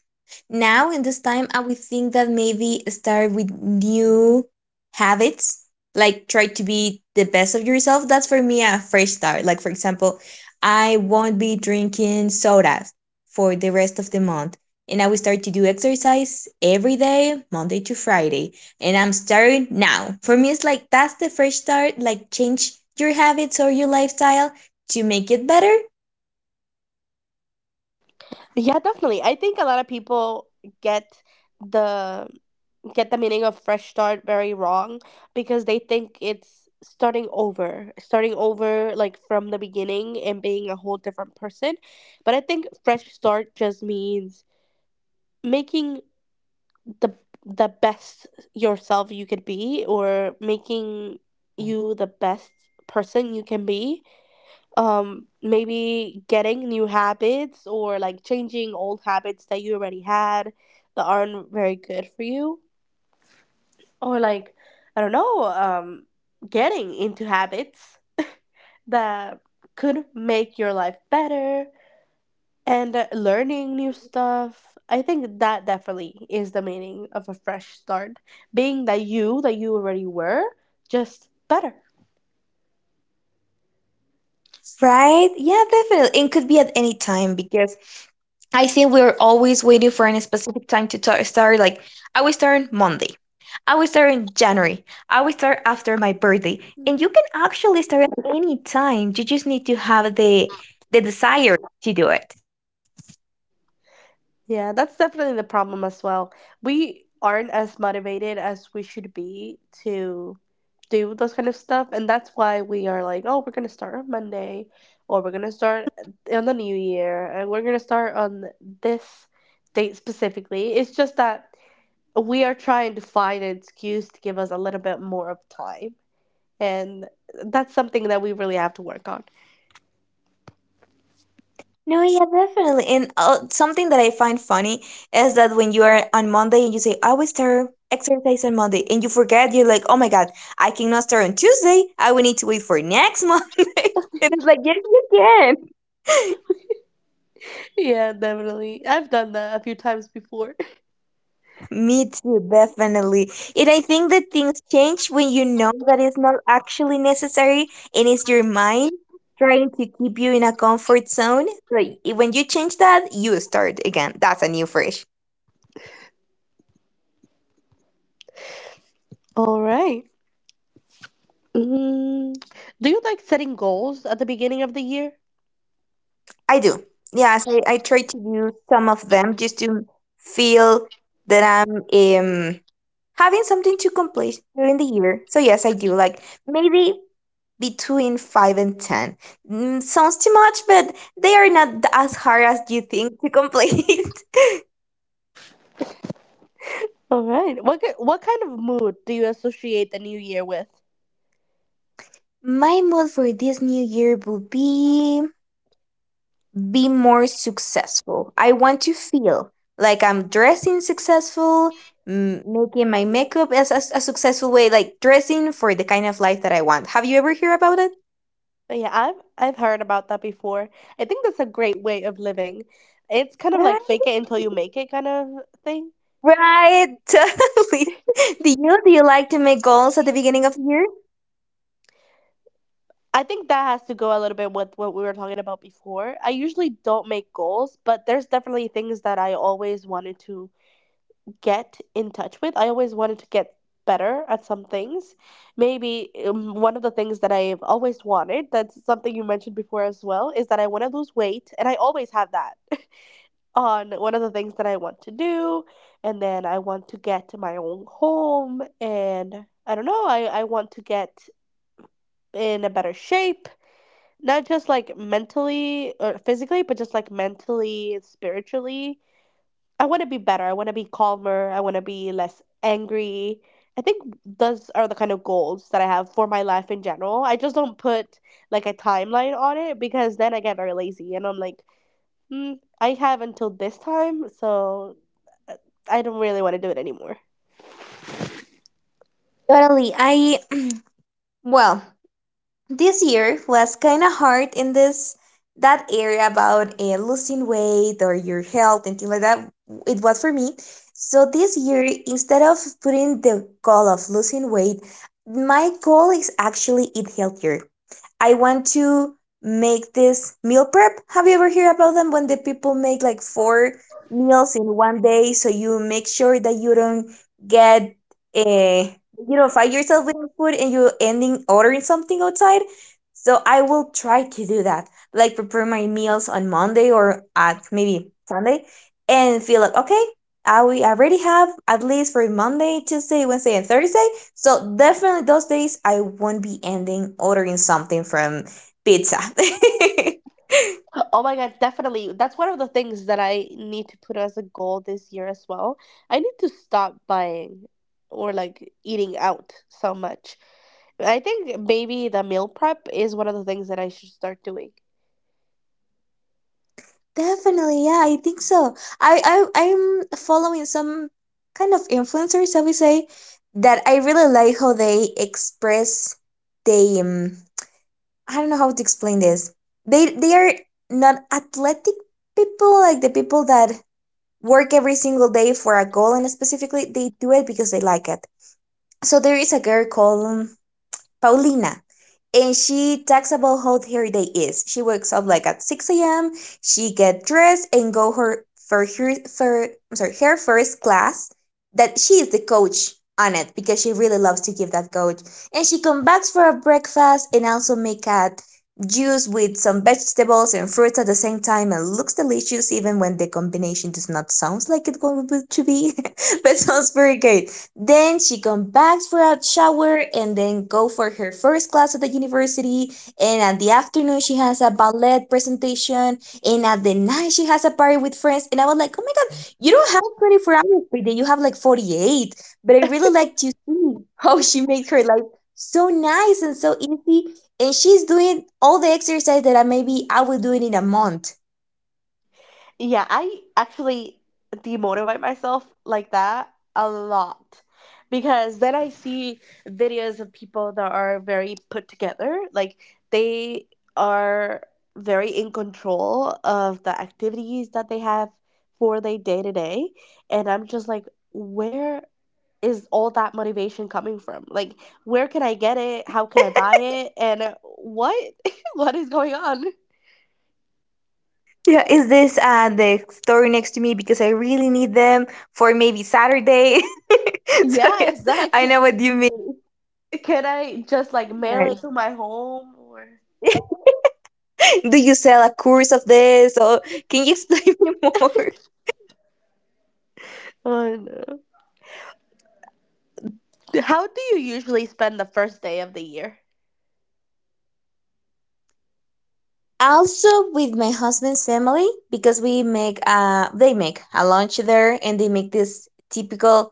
Speaker 2: now in this time, I would think that maybe start with new habits, like try to be the best of yourself. That's for me a fresh start. Like, for example, I won't be drinking sodas for the rest of the month. And I will start to do exercise every day, Monday to Friday. And I'm starting now. For me, it's like that's the fresh start, like change your habits or your lifestyle to make it better.
Speaker 1: Yeah, definitely. I think a lot of people get the get the meaning of fresh start very wrong because they think it's starting over, starting over like from the beginning and being a whole different person. But I think fresh start just means making the the best yourself you could be or making you the best person you can be, maybe getting new habits or like changing old habits that you already had that aren't very good for you, or like, I don't know, getting into habits that could make your life better, and learning new stuff. I think that definitely is the meaning of a fresh start, being that you already were, just better.
Speaker 2: Right? Yeah, definitely. And could be at any time because I think we're always waiting for any specific time to start. Like, I will start on Monday. I will start in January. I will start after my birthday. And you can actually start at any time. You just need to have the desire to do it.
Speaker 1: Yeah, that's definitely the problem as well. We aren't as motivated as we should be to do those kind of stuff, and that's why we are like, oh, we're gonna start on Monday, or we're gonna start on the new year, and we're gonna start on this date specifically. It's just that we are trying to find an excuse to give us a little bit more of time. And that's something that we really have to work on.
Speaker 2: No, yeah, definitely. And something that I find funny is that when you are on Monday and you say, I will start exercise on Monday, and you forget, you're like, oh my God, I cannot start on Tuesday. I will need to wait for next Monday. And it's like, yes, you can.
Speaker 1: Yeah, definitely. I've done that a few times before.
Speaker 2: Me too, definitely. And I think that things change when you know that it's not actually necessary and it's your mind trying to keep you in a comfort zone. Like when you change that, you start again. That's a new fresh.
Speaker 1: All right. Mm, do you like setting goals at the beginning of the year?
Speaker 2: I do. Yes, I try to do some of them just to feel that I'm having something to complete during the year. So yes, I do. Like maybe between five and ten. Mm, sounds too much, but they are not as hard as you think to complete.
Speaker 1: All right. What kind of mood do you associate the new year with?
Speaker 2: My mood for this new year will be more successful. I want to feel like I'm dressing successful, making my makeup as a successful way, like dressing for the kind of life that I want. Have you ever heard about it?
Speaker 1: Oh, yeah, I've heard about that before. I think that's a great way of living. It's kind of like fake
Speaker 2: Right,
Speaker 1: it until you make it kind of thing.
Speaker 2: right, totally. Do you like to make goals at the beginning of the year?
Speaker 1: I think that has to go a little bit with what we were talking about before. I usually don't make goals, but there's definitely things that I always wanted to get in touch with. I always wanted to get better at some things. Maybe one of the things that I've always wanted, that's something you mentioned before as well, is that I want to lose weight, and I always have that on one of the things that I want to do. And then I want to get to my own home, and I don't know, I want to get in a better shape, not just, like, mentally or physically, but just, like, mentally, spiritually. I wanna be better, I wanna be calmer, I wanna be less angry. I think those are the kind of goals that I have for my life in general. I just don't put, like, a timeline on it because then I get very lazy and I'm like, I have until this time, so, uh, I don't really wanna do it anymore."
Speaker 2: Totally. I well, this year was kind of hard in this that area about losing weight or your health and things like that, it was for me. So this year, instead of putting the goal of losing weight, my goal is actually eat healthier. I want to make this meal prep. Have you ever heard about them? When the people make like four meals in one day so you make sure that you don't get uh, find yourself with food and you ending ordering something outside. So I will try to do that, like prepare my meals on Monday or at maybe Sunday, and feel like, okay, I we already have at least for Monday, Tuesday, Wednesday, and Thursday. So definitely those days I won't be ending ordering something from pizza.
Speaker 1: Oh my God, definitely. That's one of the things that I need to put as a goal this year as well. I need to stop buying or like eating out so much. I think maybe the meal prep is one of the things that I should start doing.
Speaker 2: Definitely, yeah, I think so. I'm following some kind of influencers, I would say, that I really like how they express. They I don't know how to explain this. They are not athletic people, like the people that work every single day for a goal and specifically they do it because they like it. So there is a girl called Paulina. And she talks about how her day is. She wakes up like at 6 a.m. She get dressed and go her for her for I'm sorry, her first class. That she is the coach on it because she really loves to give that coach. And she comes back for a breakfast and also make a juice with some vegetables and fruits at the same time, and looks delicious even when the combination does not sounds like it would to be but sounds very good. Then she come back for a shower and then go for her first class at the university. And at the afternoon she has a ballet presentation. And at the night she has a party with friends. And I was like, oh my God, you don't have 24 hours per day. You have like 48. But I really like to see how she makes her life so nice and so easy. And she's doing all the exercise that I maybe I will do it in a month.
Speaker 1: Yeah, I actually demotivate myself like that a lot because then I see videos of people that are very put together, like they are very in control of the activities that they have for their day to day, and I'm just like, where is all that motivation coming from? Like, where can I get it? How can I buy it? And what what is going on?
Speaker 2: Yeah, is this the store next to me because I really need them for maybe Saturday? So
Speaker 1: Yeah,
Speaker 2: yes, I
Speaker 1: exactly.
Speaker 2: know what you mean.
Speaker 1: Can I just like mail
Speaker 2: Right.
Speaker 1: it to my home or?
Speaker 2: Do you sell a course of this, or can you explain me more?
Speaker 1: Oh no. How do you usually spend the first day of the year?
Speaker 2: Also, with my husband's family, because we make they make a lunch there, and they make this typical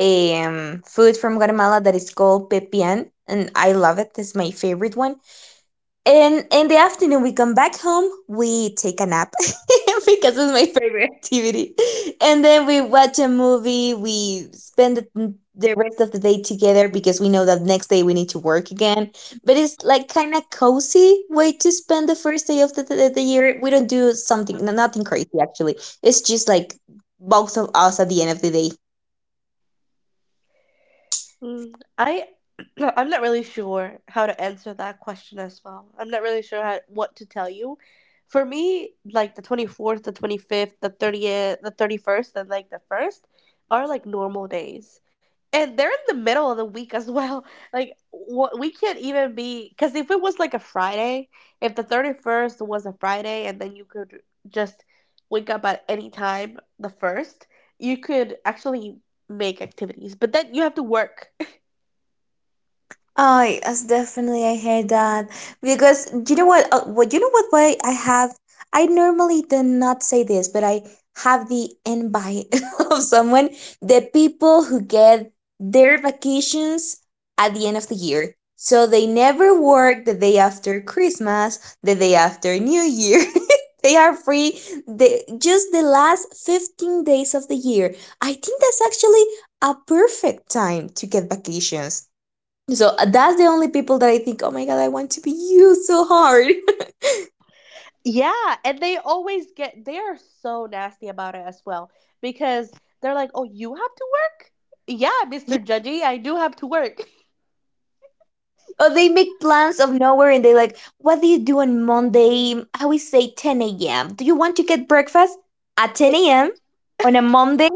Speaker 2: food from Guatemala that is called pepian, and I love it. It's my favorite one. In the afternoon, we come back home. We take a nap because it's my favorite activity, and then we watch a movie. We spend the rest of the day together because we know that next day we need to work again. But it's like kind of cozy way to spend the first day of the year. We don't do something, nothing crazy actually. It's just like both of us at the end of the day.
Speaker 1: Mm, I I'm not really sure how to answer that question as well. I'm not really sure how, what to tell you. For me, like the 24th, the 25th, the 30th, the 31st, and like the 1st are like normal days. And they're in the middle of the week as well. Like what we can't even be cuz if it was like a Friday, if the 31st was a Friday and then you could just wake up at any time the 1st, you could actually make activities. But then you have to work.
Speaker 2: Oh, yes, definitely. I heard that because do you know what? You know what? Why I have? I normally do not say this, but I have the envy of someone. The people who get their vacations at the end of the year, so they never work the day after Christmas, the day after New Year. They are free the, just the last 15 days of the year. I think that's actually a perfect time to get vacations, so that's the only people that I think, oh my God, I want to be you so hard.
Speaker 1: Yeah, and they always get they are so nasty about it as well because they're like, "Oh, you have to work?" "Yeah, Mr.
Speaker 2: Yeah.
Speaker 1: Judgy, I do have to work."
Speaker 2: Or they make plans of nowhere and they like, what do you do on Monday? I always say 10 a.m. Do you want to get breakfast at
Speaker 1: I-
Speaker 2: 10 a.m. on a Monday?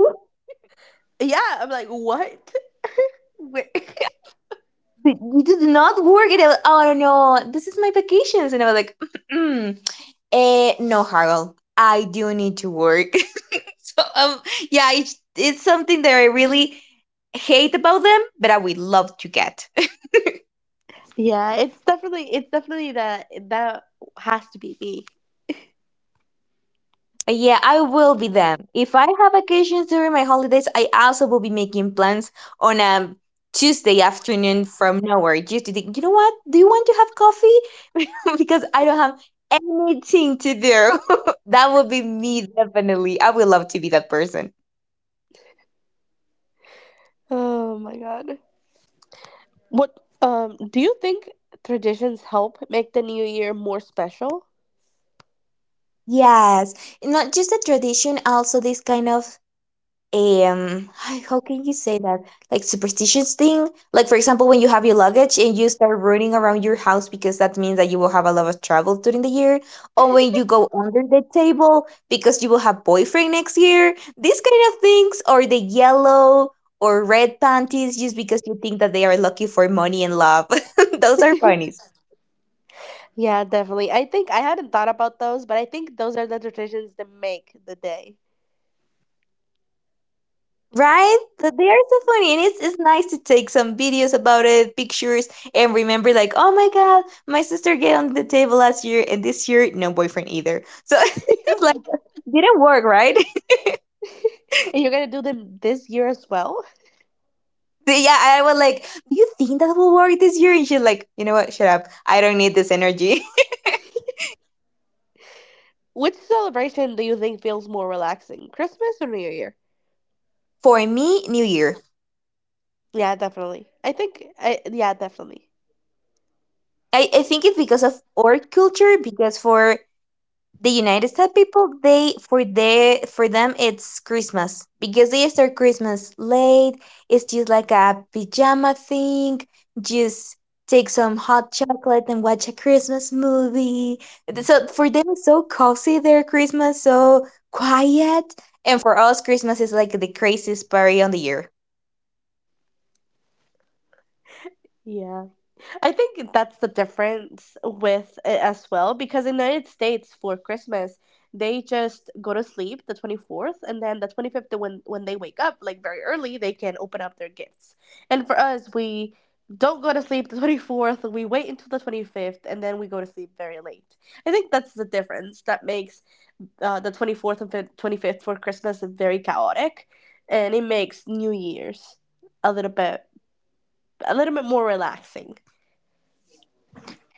Speaker 1: yeah, I'm like, "What?" Where-
Speaker 2: But you do not work. And I was, oh no, no, this is my vacations. And I was like, mm, no, Harold, I do need to work. So yeah, it's something that I really hate about them, but I would love to get.
Speaker 1: yeah, it's definitely that has to be me.
Speaker 2: Yeah, I will be them. If I have vacations during my holidays, I also will be making plans on a Tuesday afternoon from nowhere. Just to think, you know what? Do you want to have coffee? Because I don't have anything to do. That would be me, definitely. I would love to be that person.
Speaker 1: Oh my God. What do you think traditions help make the new year more special?
Speaker 2: Yes, not just a tradition, also this kind of um how can you say that, like superstitious thing, like for example when you have your luggage and you start running around your house because that means that you will have a lot of travel during the year, or when you go under the table because you will have boyfriend next year, these kind of things, or the yellow or red panties just because you think that they are lucky for money and love. Those are funny.
Speaker 1: Yeah, definitely. I think I hadn't thought about those, but I think those are the traditions that make the day.
Speaker 2: Right? So they are so funny, and it's nice to take some videos about it, pictures, and remember, like, oh my God, my sister get on the table last year, and this year, no boyfriend either. So it's like, didn't work, right?
Speaker 1: And you're gonna do them this year as well?
Speaker 2: So yeah, I was like, do you think that will work this year? And she's like, you know what? Shut up. I don't need this energy.
Speaker 1: Which celebration do you think feels more relaxing, Christmas or New Year?
Speaker 2: For me, New Year.
Speaker 1: Yeah, definitely. I think, yeah, definitely.
Speaker 2: I think it's because of our culture, because for the United States people they for their for them it's Christmas because they start Christmas late. It's just like a pajama thing. Just take some hot chocolate and watch a Christmas movie. So for them it's so cozy, their Christmas, so quiet. And for us Christmas is like the craziest party on the year.
Speaker 1: Yeah. I think that's the difference with it as well because in the United States for Christmas they just go to sleep the 24th and then the 25th when they wake up like very early they can open up their gifts. And for us we don't go to sleep the 24th, we wait until the 25th and then we go to sleep very late. I think that's the difference that makes the 24th and 25th for Christmas very chaotic and it makes New Year's a little bit a little bit more relaxing.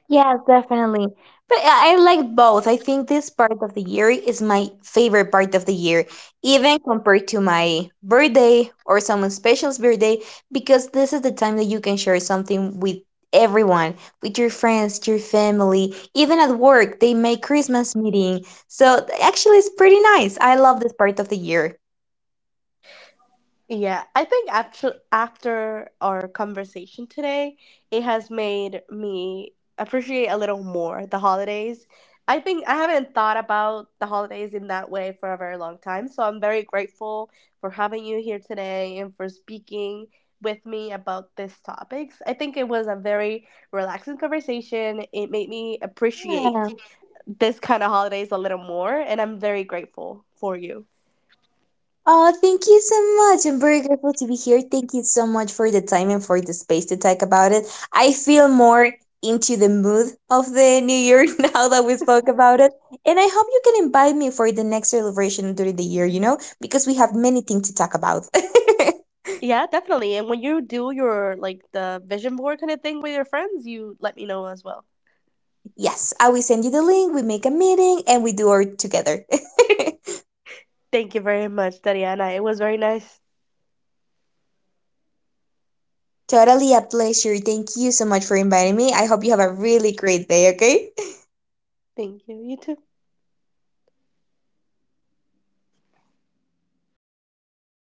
Speaker 2: Yes, definitely. But I like both. I think this part of the year is my favorite part of the year, even compared to my birthday or someone special's birthday, because this is the time that you can share something with everyone, with your friends, your family, even at work, they make Christmas meeting. So actually, it's pretty nice. I love this part of the year.
Speaker 1: Yeah, I think after our conversation today, it has made me appreciate a little more the holidays. I think I haven't thought about the holidays in that way for a very long time, so I'm very grateful for having you here today and for speaking with me about these topics. I think it was a very relaxing conversation. It made me appreciate
Speaker 2: Yeah.
Speaker 1: this kind of holidays a little more, and I'm very grateful for you.
Speaker 2: Oh, thank you so much. I'm very grateful to be here. Thank you so much for the time and for the space to talk about it. I feel more into the mood of the new year now that we spoke about it. And I hope you can invite me for the next celebration during the year, because we have many things to talk about.
Speaker 1: Yeah, definitely. And when you do your like the vision board kind of thing with your friends, you let me know as well.
Speaker 2: Yes, I will send you the link. We make a meeting and we do it together.
Speaker 1: Thank you very much, Dariana. It was very nice.
Speaker 2: Totally a pleasure. Thank you so much for inviting me. I hope you have a really great day, okay?
Speaker 1: Thank you. You too.